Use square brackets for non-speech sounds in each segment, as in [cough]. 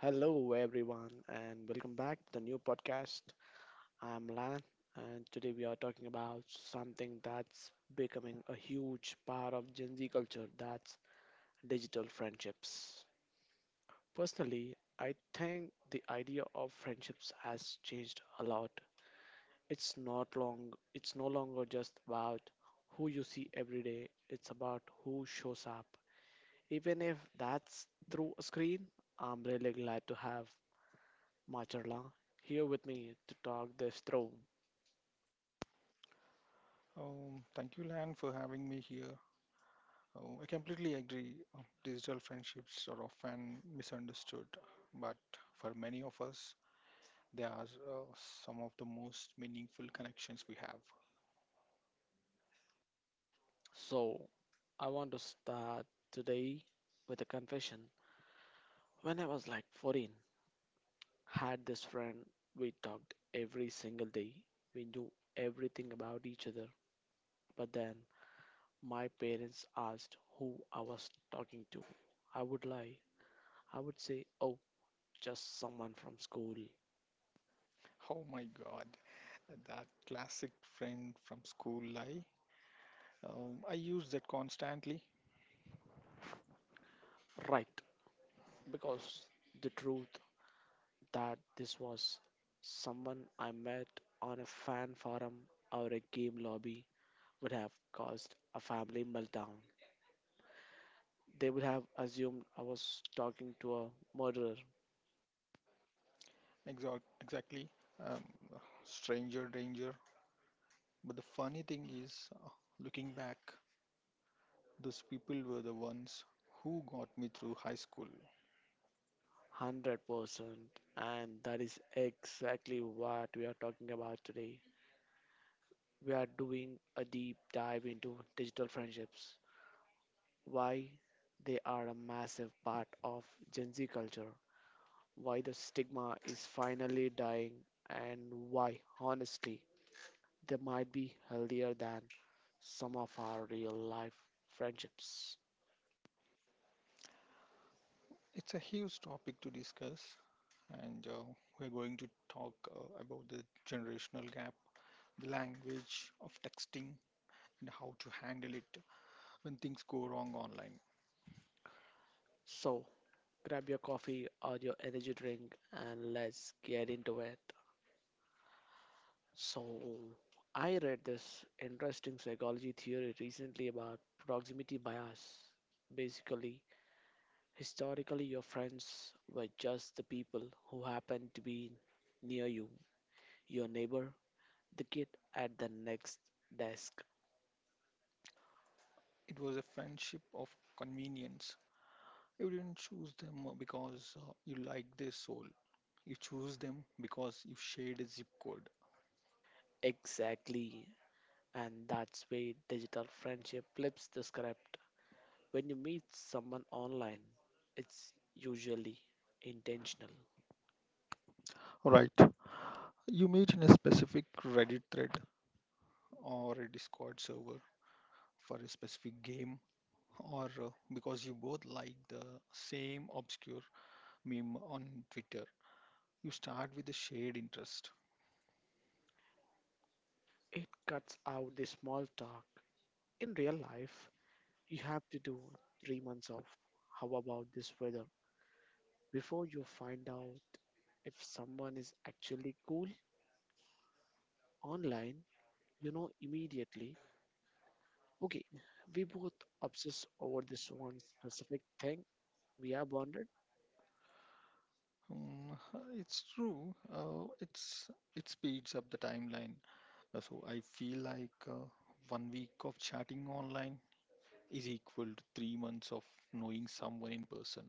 Hello, everyone, and welcome back to the new podcast. I'm Lan, and today we are talking about something that's becoming a huge part of Gen Z culture that's digital friendships. Personally, I think the idea of friendships has changed a lot. It's no longer just about who you see every day, it's about who shows up. Even if that's through a screen, I'm really glad to have Macharla here with me to talk this through. Thank you, Lan, for having me here. Oh, I completely agree. Digital friendships are often misunderstood, but for many of us, they are uh, some of the most meaningful connections we have. So, I want to start today with a confession. When I was like 14, had this friend, we talked every single day. We knew everything about each other. But then my parents asked who I was talking to. I would lie. I would say, "Oh, just someone from school." Oh my God, that classic friend from school lie. I use that constantly. Right, because the truth that this was someone I met on a fan forum or a game lobby would have caused a family meltdown. They would have assumed I was talking to a murderer. Exactly. Um, Stranger danger. But the funny thing is, looking back, those people were the ones who got me through high school. 100%, and that is exactly what we are talking about today. We are doing a deep dive into digital friendships, why they are a massive part of Gen Z culture, why the stigma is finally dying, and why, honestly, they might be healthier than some of our real life friendships. It's a huge topic to discuss, and we're going to talk about the generational gap, the language of texting, and how to handle it when things go wrong online. So, grab your coffee or your energy drink and let's get into it. So, I read this interesting psychology theory recently about proximity bias. Basically, historically, your friends were just the people who happened to be near you, your neighbor, the kid at the next desk. It was a friendship of convenience. You didn't choose them because you like their soul. You choose them because you shared a zip code. Exactly. And that's where digital friendship flips the script. When you meet someone online, it's usually intentional. Right. You meet in a specific Reddit thread or a Discord server for a specific game or because you both like the same obscure meme on Twitter. You start with a shared interest. It cuts out the small talk. In real life, you have to do 3 months of how about this weather before you find out if someone is actually cool online, you know immediately, okay, we both obsess over this one specific thing. We are bonded. Mm, [laughs] it's true. It's it speeds up the timeline. So I feel like 1 week of chatting online is equal to 3 months of knowing someone in person.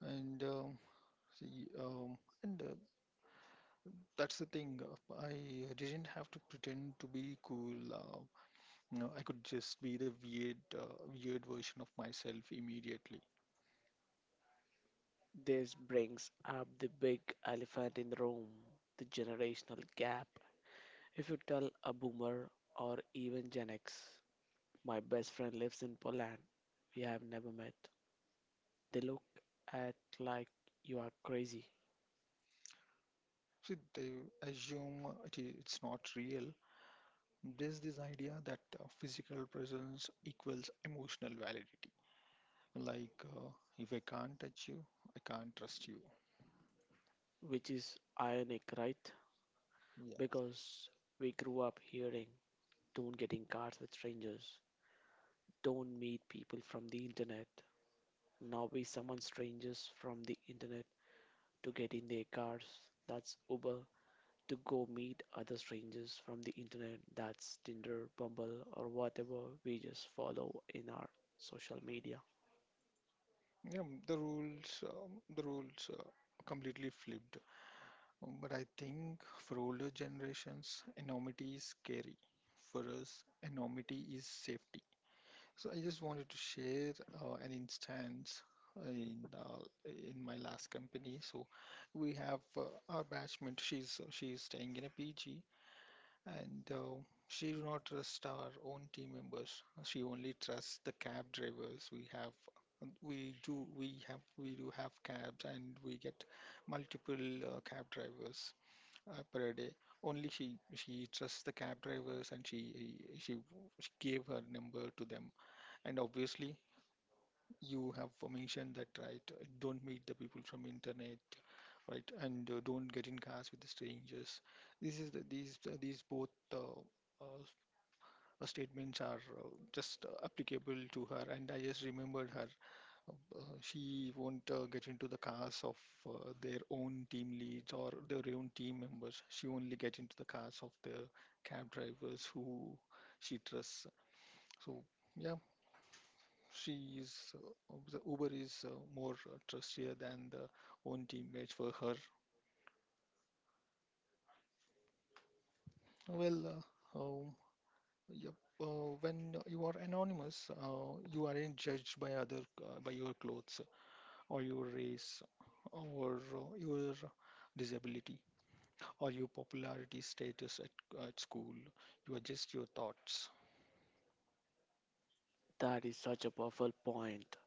And see, and That's the thing. I didn't have to pretend to be cool, no, I could just be the weird, weird version of myself immediately. This brings up the big elephant in the room, the generational gap. If you tell a boomer or even Gen X, my best friend lives in Poland, we have never met, they look at like you are crazy, See, they it's not real. There's this idea that physical presence equals emotional validity. Like, uh, if I can't touch you, I can't trust you. which is ironic, right? Yeah, Because we grew up hearing don't get in cars with strangers, don't meet people from the internet. Now we summon strangers from the internet to get in their cars. That's Uber, to go meet other strangers from the internet, that's Tinder, Bumble, or whatever we just follow in our social media. yeah. The rules, completely flipped. But I think for older generations, anonymity is scary. For us, anonymity is safety. So I just wanted to share an instance in my last company. So we have our batchmate. She's staying in a PG, and she do not trust our own team members. She only trusts the cab drivers we have. And we do have cabs, and we get multiple cab drivers per day. Only she trusts the cab drivers, and she gave her number to them and obviously, you have mentioned that, right? Don't meet the people from internet, right? And don't get in cars with the strangers. This is the, these both uh, statements are just applicable to her. And I just remembered her. She won't get into the cars of their own team leads or their own team members. She only get into the cars of the cab drivers who she trusts. So yeah, she is the Uber is more trustier than the own teammates for her. Well, uh, um, yep. When you are anonymous, you aren't judged by other by your clothes or your race or your disability or your popularity status at school. You are just your thoughts. That is such a powerful point.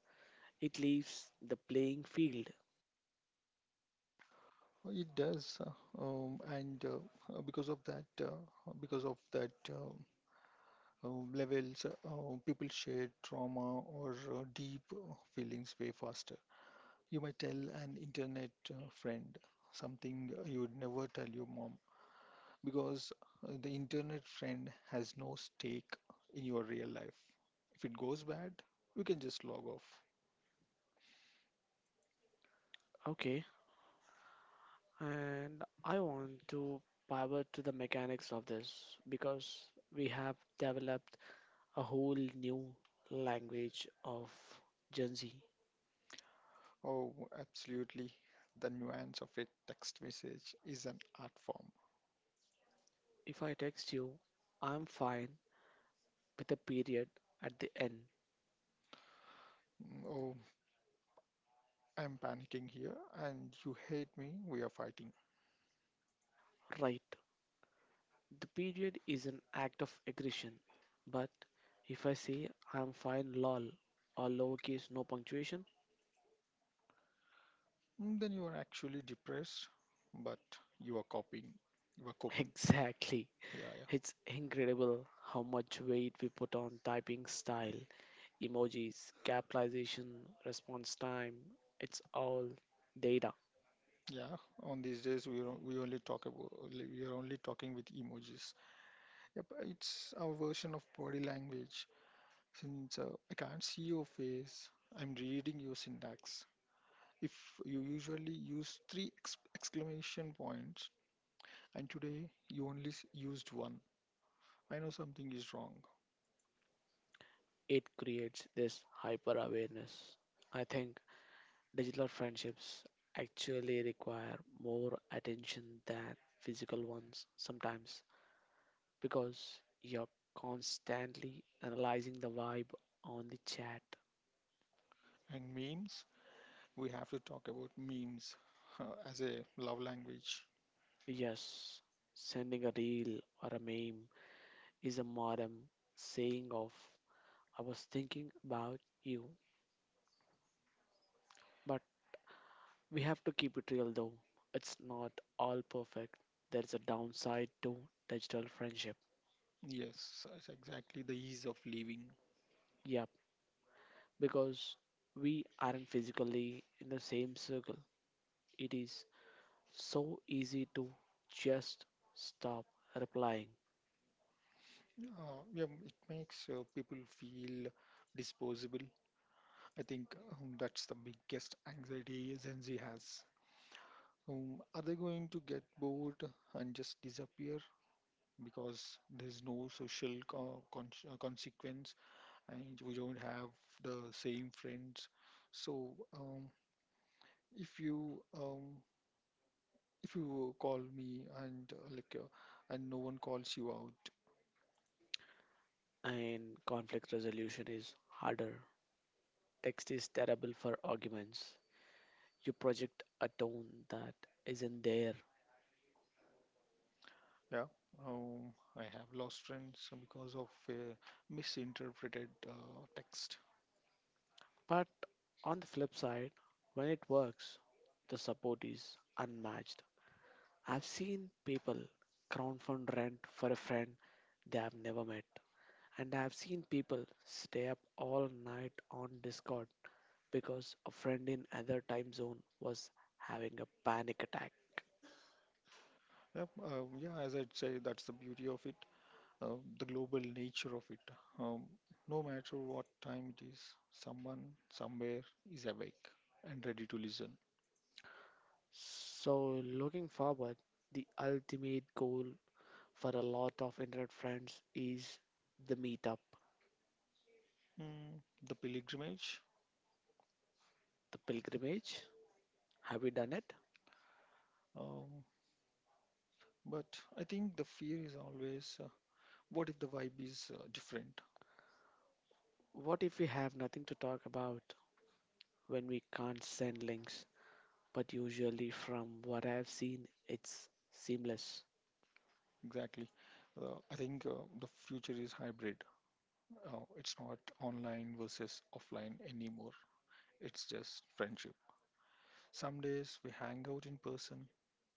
It leaves the playing field. It does, and because of that, because of that. People share trauma or deep feelings way faster. You might tell an internet friend something you would never tell your mom because the internet friend has no stake in your real life. If it goes bad, you can just log off. Okay, and I want to pivot to the mechanics of this because we have developed a whole new language of Gen Z. Oh, absolutely. The nuance of a text message is an art form. If I text you, I'm fine, with a period at the end, Oh, I'm panicking here and you hate me. We are fighting. right? The period is an act of aggression. But if I say I'm fine, lol, or lowercase, no punctuation, Then you are actually depressed, but you are coping. You are [laughs] coping. exactly. Yeah, yeah. It's incredible how much weight we put on typing style, emojis, capitalization, response time. It's all data. Yeah, on these days we are only talking with emojis. Yep, it's our version of body language. Since I can't see your face, I'm reading your syntax. If you usually use three ex exclamation points and today you only used one. I know something is wrong. It creates this hyper awareness. I think digital friendships actually require more attention than physical ones sometimes, because you're constantly analyzing the vibe on the chat. And memes, we have to talk about memes as a love language. Yes, sending a reel or a meme is a modern saying of I was thinking about you. But we have to keep it real though. It's not all perfect. There's a downside to digital friendship. Yes, that's exactly the ease of living. Yep, because we aren't physically in the same circle. It is so easy to just stop replying, Yeah, it makes people feel disposable. I think that's the biggest anxiety Gen Z has. Are they going to get bored and just disappear because there's no consequence? And we don't have the same friends. So if you um, if you call me and and no one calls you out, and conflict resolution is harder. Text is terrible for arguments. You project a tone that isn't there. yeah, I have lost friends because of a misinterpreted text. But on the flip side, when it works, the support is unmatched. I've seen people crowdfund rent for a friend they have never met. And I've seen people stay up all night on Discord because a friend in other time zone was having a panic attack. Yep, yeah, as I'd say, that's the beauty of it, the global nature of it. Um, no matter what time it is, someone somewhere is awake and ready to listen. So, looking forward, the ultimate goal for a lot of internet friends is the meetup, Mm, the pilgrimage. the pilgrimage. Have we done it? Um, But I think the fear is always what if the vibe is different? What if we have nothing to talk about when we can't send links? But usually, from what I've seen, it's seamless. Exactly. I think the future is hybrid. It's not online versus offline anymore. It's just friendship. Some days we hang out in person,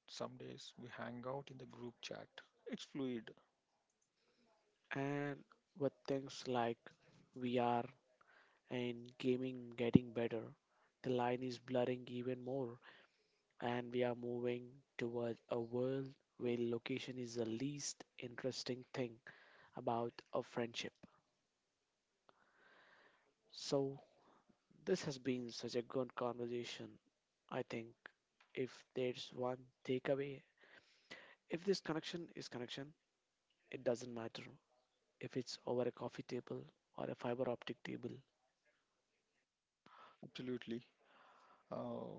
some days we hang out in the group chat. It's fluid, And with things like VR and gaming getting better, the line is blurring even more, and we are moving toward a world where location is the least interesting thing about a friendship. So, this has been such a good conversation. I think if there's one takeaway, if this connection is connection, it doesn't matter if it's over a coffee table or a fiber optic table. absolutely. Uh,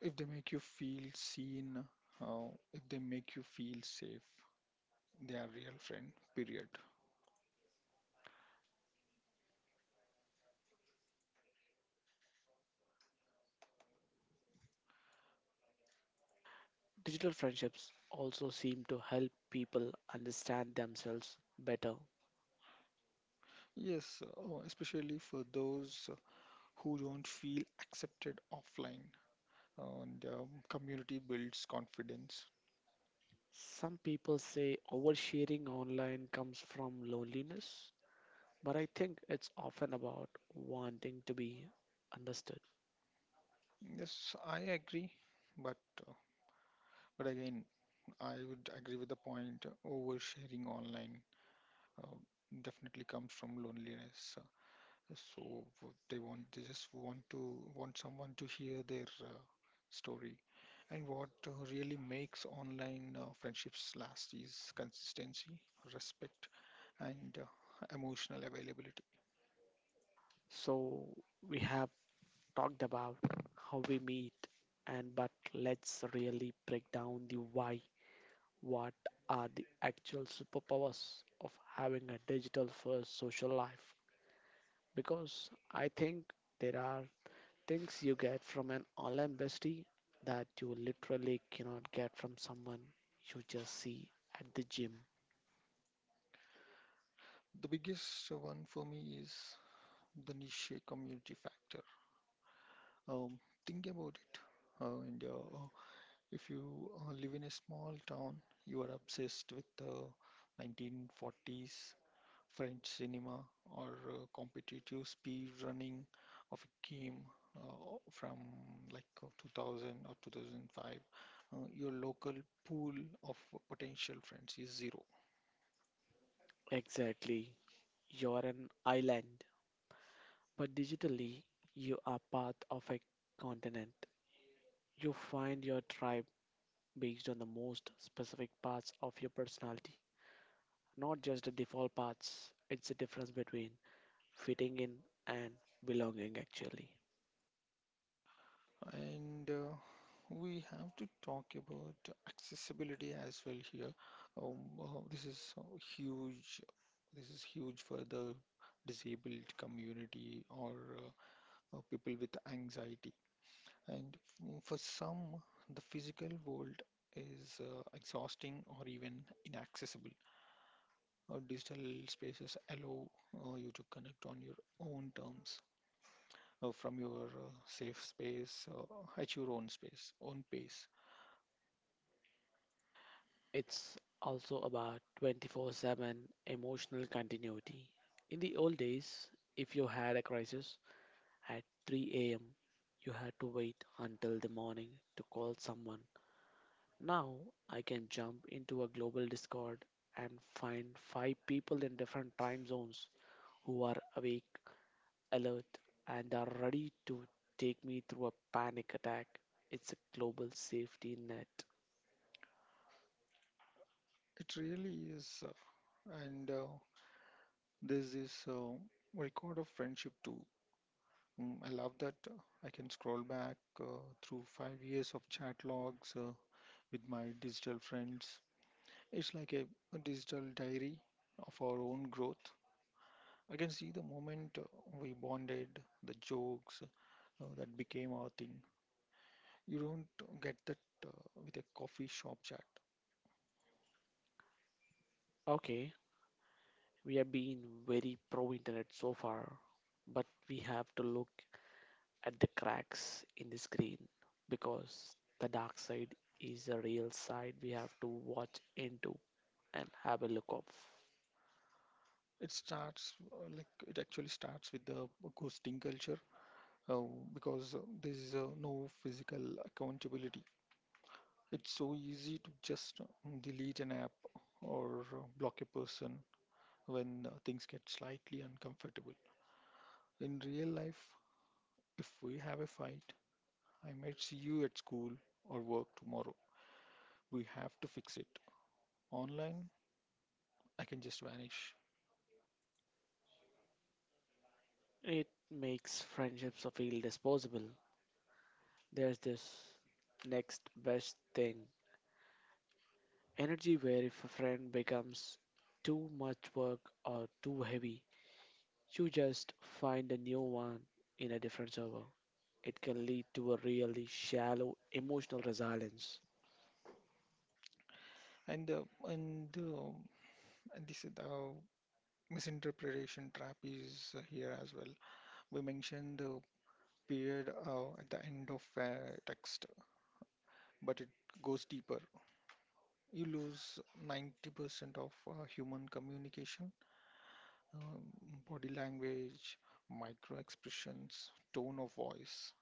if they make you feel seen, if they make you feel safe, they are real friend, period. Digital friendships also seem to help people understand themselves better. Yes, especially for those who don't feel accepted offline, and community builds confidence. Some people say oversharing online comes from loneliness, but I think it's often about wanting to be understood. Yes, I agree, but uh, but again I would agree with the point. Oversharing online uh, definitely comes from loneliness, so w- they want they just want to want someone to hear their story. And what really makes online friendships last is consistency, respect, and emotional availability. So we have talked about how we meet, and but let's really break down the why. What are the actual superpowers of having a digital first social life? Because I think there are things you get from an online bestie that you literally cannot get from someone you just see at the gym. The biggest one for me is the niche community factor. Um, think about it. And If you live in a small town, you are obsessed with the 1940s French cinema or competitive speed running of a game from like 2000 or 2005. Your local pool of potential friends is zero. Exactly. You're an island, but digitally, you are part of a continent. You find your tribe based on the most specific parts of your personality, not just the default parts. It's the difference between fitting in and belonging, actually. And we have to talk about accessibility as well here. This is huge. This is huge for the disabled community or uh, people with anxiety. And for some, the physical world is exhausting or even inaccessible. Digital spaces allow you to connect on your own terms from your safe space, at your own space, own pace. It's also about 24/7 emotional continuity. In the old days, if you had a crisis at 3 a.m., you had to wait until the morning to call someone. Now I can jump into a global Discord and find five people in different time zones who are awake, alert, and are ready to take me through a panic attack. It's a global safety net. It really is. And There's this record of friendship too. I love that I can scroll back through 5 years of chat logs with my digital friends. It's like a digital diary of our own growth. I can see the moment we bonded, the jokes that became our thing. You don't get that uh, with a coffee shop chat. Okay, we have been very pro internet so far, but we have to look at the cracks in the screen because the dark side is a real side we have to watch into and have a look of. It starts it actually starts with the ghosting culture uh, because there is no physical accountability. It's so easy to just delete an app or block a person when things get slightly uncomfortable. In real life, if we have a fight, I might see you at school or work tomorrow. We have to fix it. Online, I can just vanish. It makes friendships feel disposable. There's this next best thing energy where if a friend becomes too much work or too heavy, you just find a new one in a different server. It can lead to a really shallow emotional resilience. And uh, and uh, and this is the misinterpretation trap is here as well. We mentioned period at the end of a text, but it goes deeper. You lose 90% of human communication, um, body language, micro expressions, tone of voice.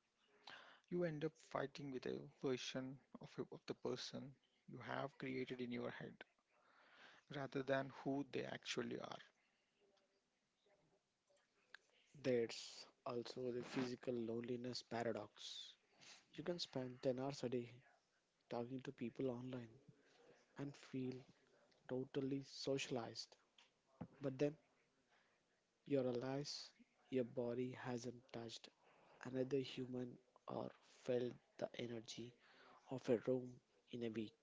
You end up fighting with a version of, of the person you have created in your head rather than who they actually are. There's also the physical loneliness paradox. You can spend 10 hours a day talking to people online and feel totally socialized, but then you realize your body hasn't touched another human or felt the energy of a room in a week.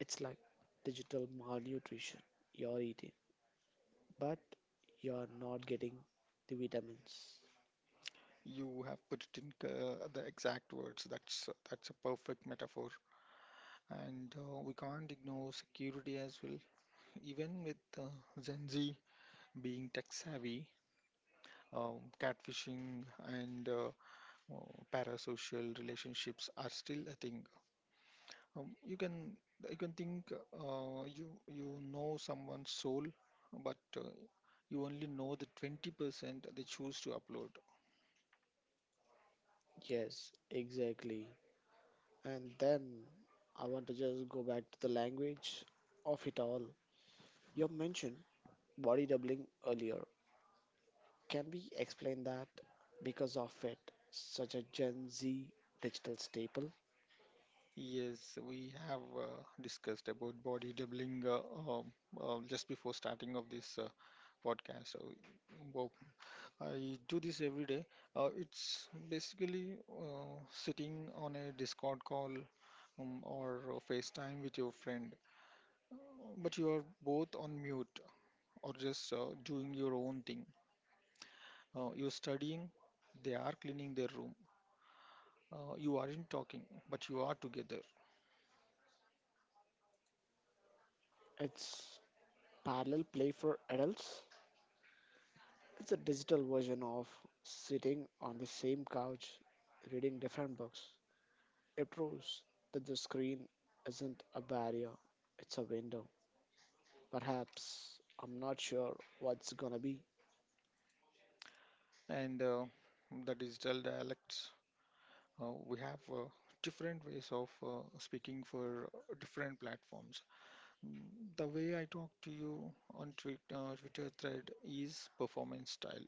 It's like digital malnutrition. You're eating, but you're not getting the vitamins. You have put it in the exact words. That's a perfect metaphor, and we can't ignore security as well. Even with Gen Z being tech savvy, catfishing and parasocial relationships are still a thing. You can think you you know someone's soul, but you only know the 20% they choose to upload. Yes, exactly. And then I want to just go back to the language of it all. You mentioned body doubling earlier. Can we explain that? Because of it, such a Gen Z digital staple. Yes, we have discussed about body doubling um, just before starting of this podcast. So, wow, I do this every day. It's basically sitting on a Discord call or a FaceTime with your friend, uh, but you are both on mute or just doing your own thing. You're studying, they are cleaning their room. You aren't talking, but you are together. It's parallel play for adults. It's a digital version of sitting on the same couch, reading different books. It proves that the screen isn't a barrier, it's a window. Perhaps, I'm not sure what's gonna be. And the digital dialects, we have different ways of speaking for different platforms. The way I talk to you on Twitter thread is performance style,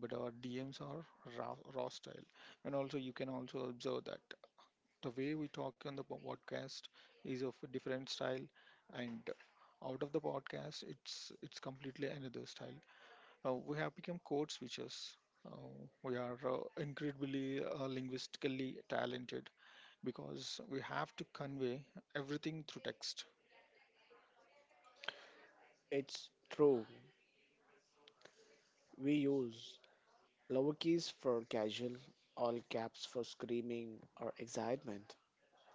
but our DMs are raw, raw style. And also, you can also observe that the way we talk on the podcast is of a different style, and out of the podcast, it's completely another style. We have become code switchers. Uh, we are incredibly linguistically talented because we have to convey everything through text. It's true, we use lowercase for casual, all caps for screaming or excitement,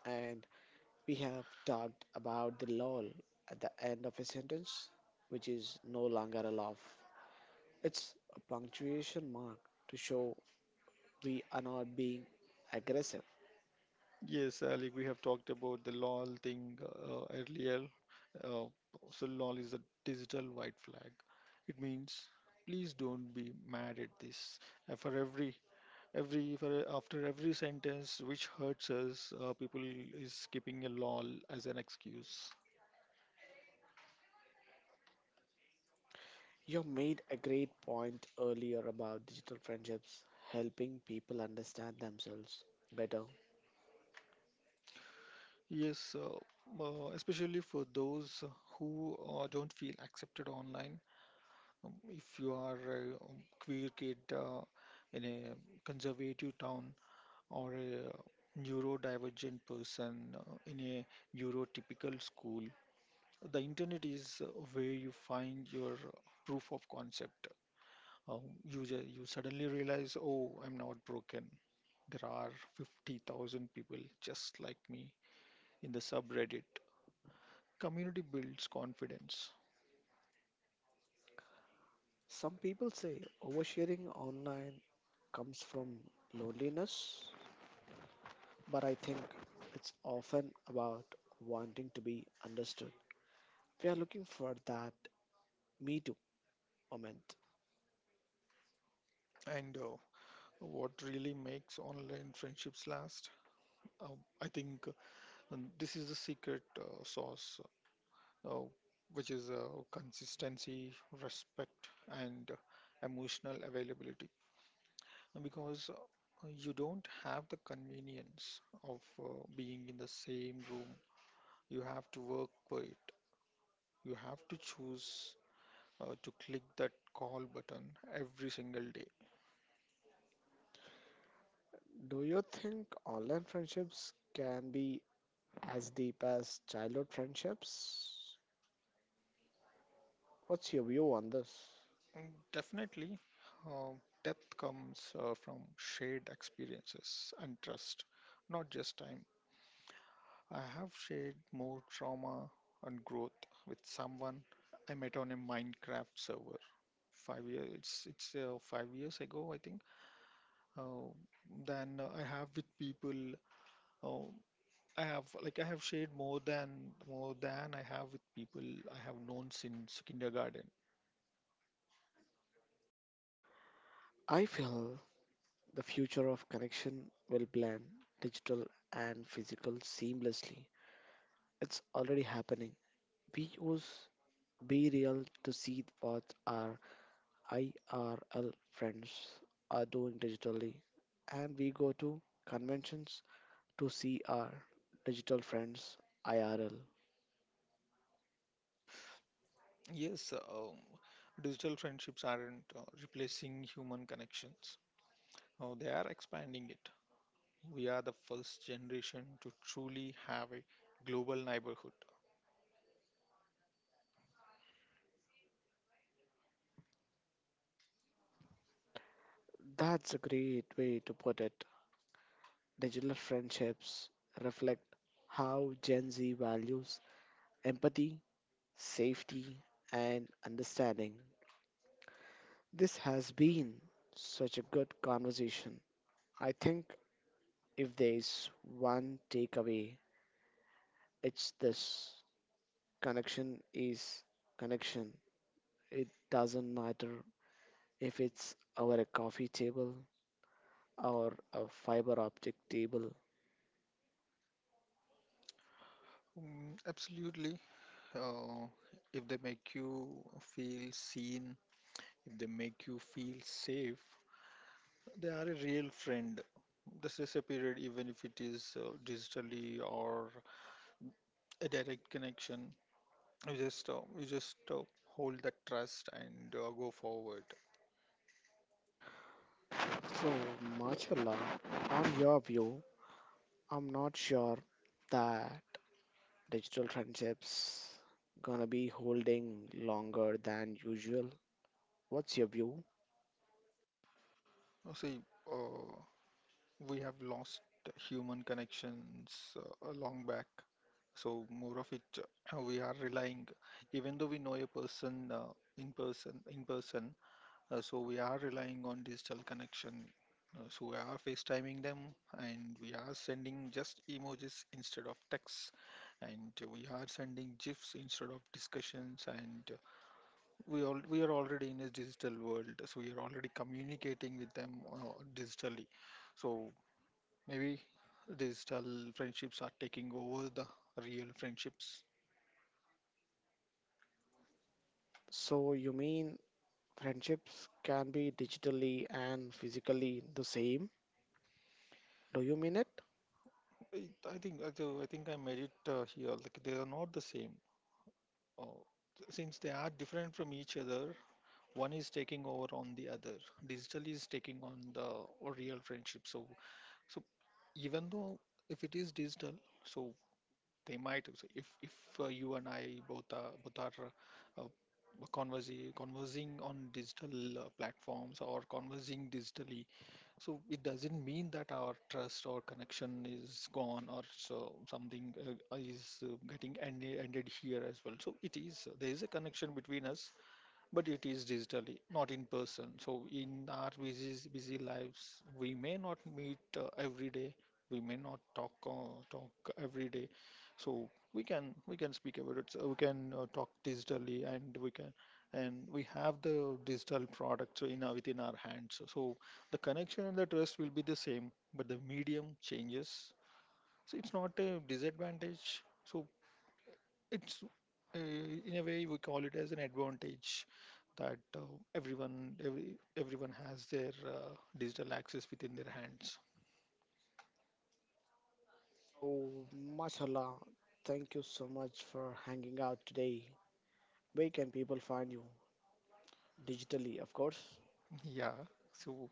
and we have talked about the lol at the end of a sentence, which is no longer a laugh. It's a punctuation mark to show we are not being aggressive. Yes, Ali, we have talked about the LOL thing earlier. Uh, so LOL is a digital white flag. It means please don't be mad at this. For every for after every sentence which hurts us, people is skipping a LOL as an excuse. You made a great point earlier about digital friendships helping people understand themselves better. Yes, especially for those who don't feel accepted online. If you are a queer kid in a conservative town or a neurodivergent person in a neurotypical school. The internet is where you find your proof of concept. You suddenly realize, oh, I'm not broken. There are 50,000 people just like me in the subreddit. Community builds confidence. Some people say oversharing online comes from loneliness, but I think it's often about wanting to be understood. We are looking for that me too moment. And What really makes online friendships last? I think this is the secret sauce uh, which is consistency, respect, and emotional availability. Because you don't have the convenience of being in the same room, you have to work for it. You have to choose to click that call button every single day. Do you think online friendships can be as deep as childhood friendships? What's your view on this? Mm, definitely, uh, depth comes from shared experiences and trust, not just time. I have shared more trauma and growth with someone I met on a Minecraft server. 5 years, it's 5 years ago, I think. Uh, than I have with people. Uh, I have shared more than I have with people I have known since kindergarten. I feel the future of connection will blend digital and physical seamlessly. It's already happening. We use Be Real to see what our IRL friends are doing digitally, and we go to conventions to see our digital friends IRL. Yes, digital friendships aren't replacing human connections. They are expanding it. We are the first generation to truly have a global neighborhood. That's a great way to put it. Digital friendships reflect how Gen Z values empathy, safety, and understanding. This has been such a good conversation. I think if there is one takeaway, it's this, connection is connection. It doesn't matter if it's over a coffee table or a fiber optic table. Mm, absolutely. Uh, if they make you feel seen, if they make you feel safe, they are a real friend. This is a period, even if it is digitally or a direct connection, you just hold that trust and go forward. So, Machala, on your view, I'm not sure that digital friendships gonna be holding longer than usual. What's your view? See, uh, we have lost human connections a long back. So more of it, we are relying, even though we know a person in person, so we are relying on digital connection. So we are FaceTiming them, and we are sending just emojis instead of texts, and we are sending GIFs instead of discussions, and we are already in a digital world, so we are already communicating with them digitally. So maybe digital friendships are taking over the real friendships. So you mean friendships can be digitally and physically the same. Do you mean it? I, I think I made it here. Like they are not the same. Uh, since they are different from each other, one is taking over on the other. Digital is taking on the real friendship. So even though if it is digital, so they might so if you and I both are conversing on digital platforms or conversing digitally. So it doesn't mean that our trust or connection is gone or so something is getting ended here as well. So it is there is a connection between us, but it is digitally, not in person. So in our busy lives, we may not meet every day. We may not talk every day. So we can speak about it. So we can talk digitally, and we can and we have the digital product so in our, within our hands. So the connection and the trust will be the same, but the medium changes. So it's not a disadvantage. So it's in a way we call it as an advantage that everyone has their digital access within their hands. So, mashallah, thank you so much for hanging out today. Where can people find you? Digitally, of course. Yeah, so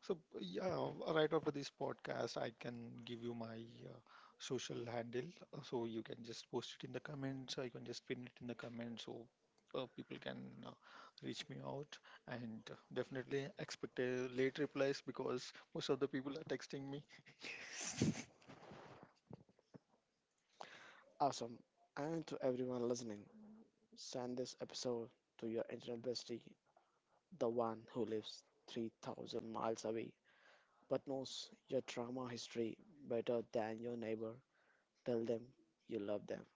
so yeah right after this podcast, I can give you my social handle, so you can just post it in the comments. I can just pin it in the comments, so people can uh, reach me out, and definitely expect a late replies because most of the people are texting me. Awesome. And to everyone listening, send this episode to your internet bestie, the one who lives 3,000 miles away but knows your trauma history better than your neighbor. Tell them you love them.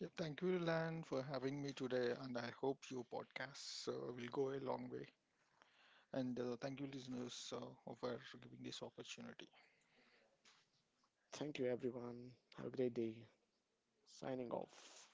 Yeah, thank you, Lan, for having me today, and I hope your podcast will go a long way. And thank you, listeners, for giving this opportunity. Thank you, everyone. Have a great day. Signing off.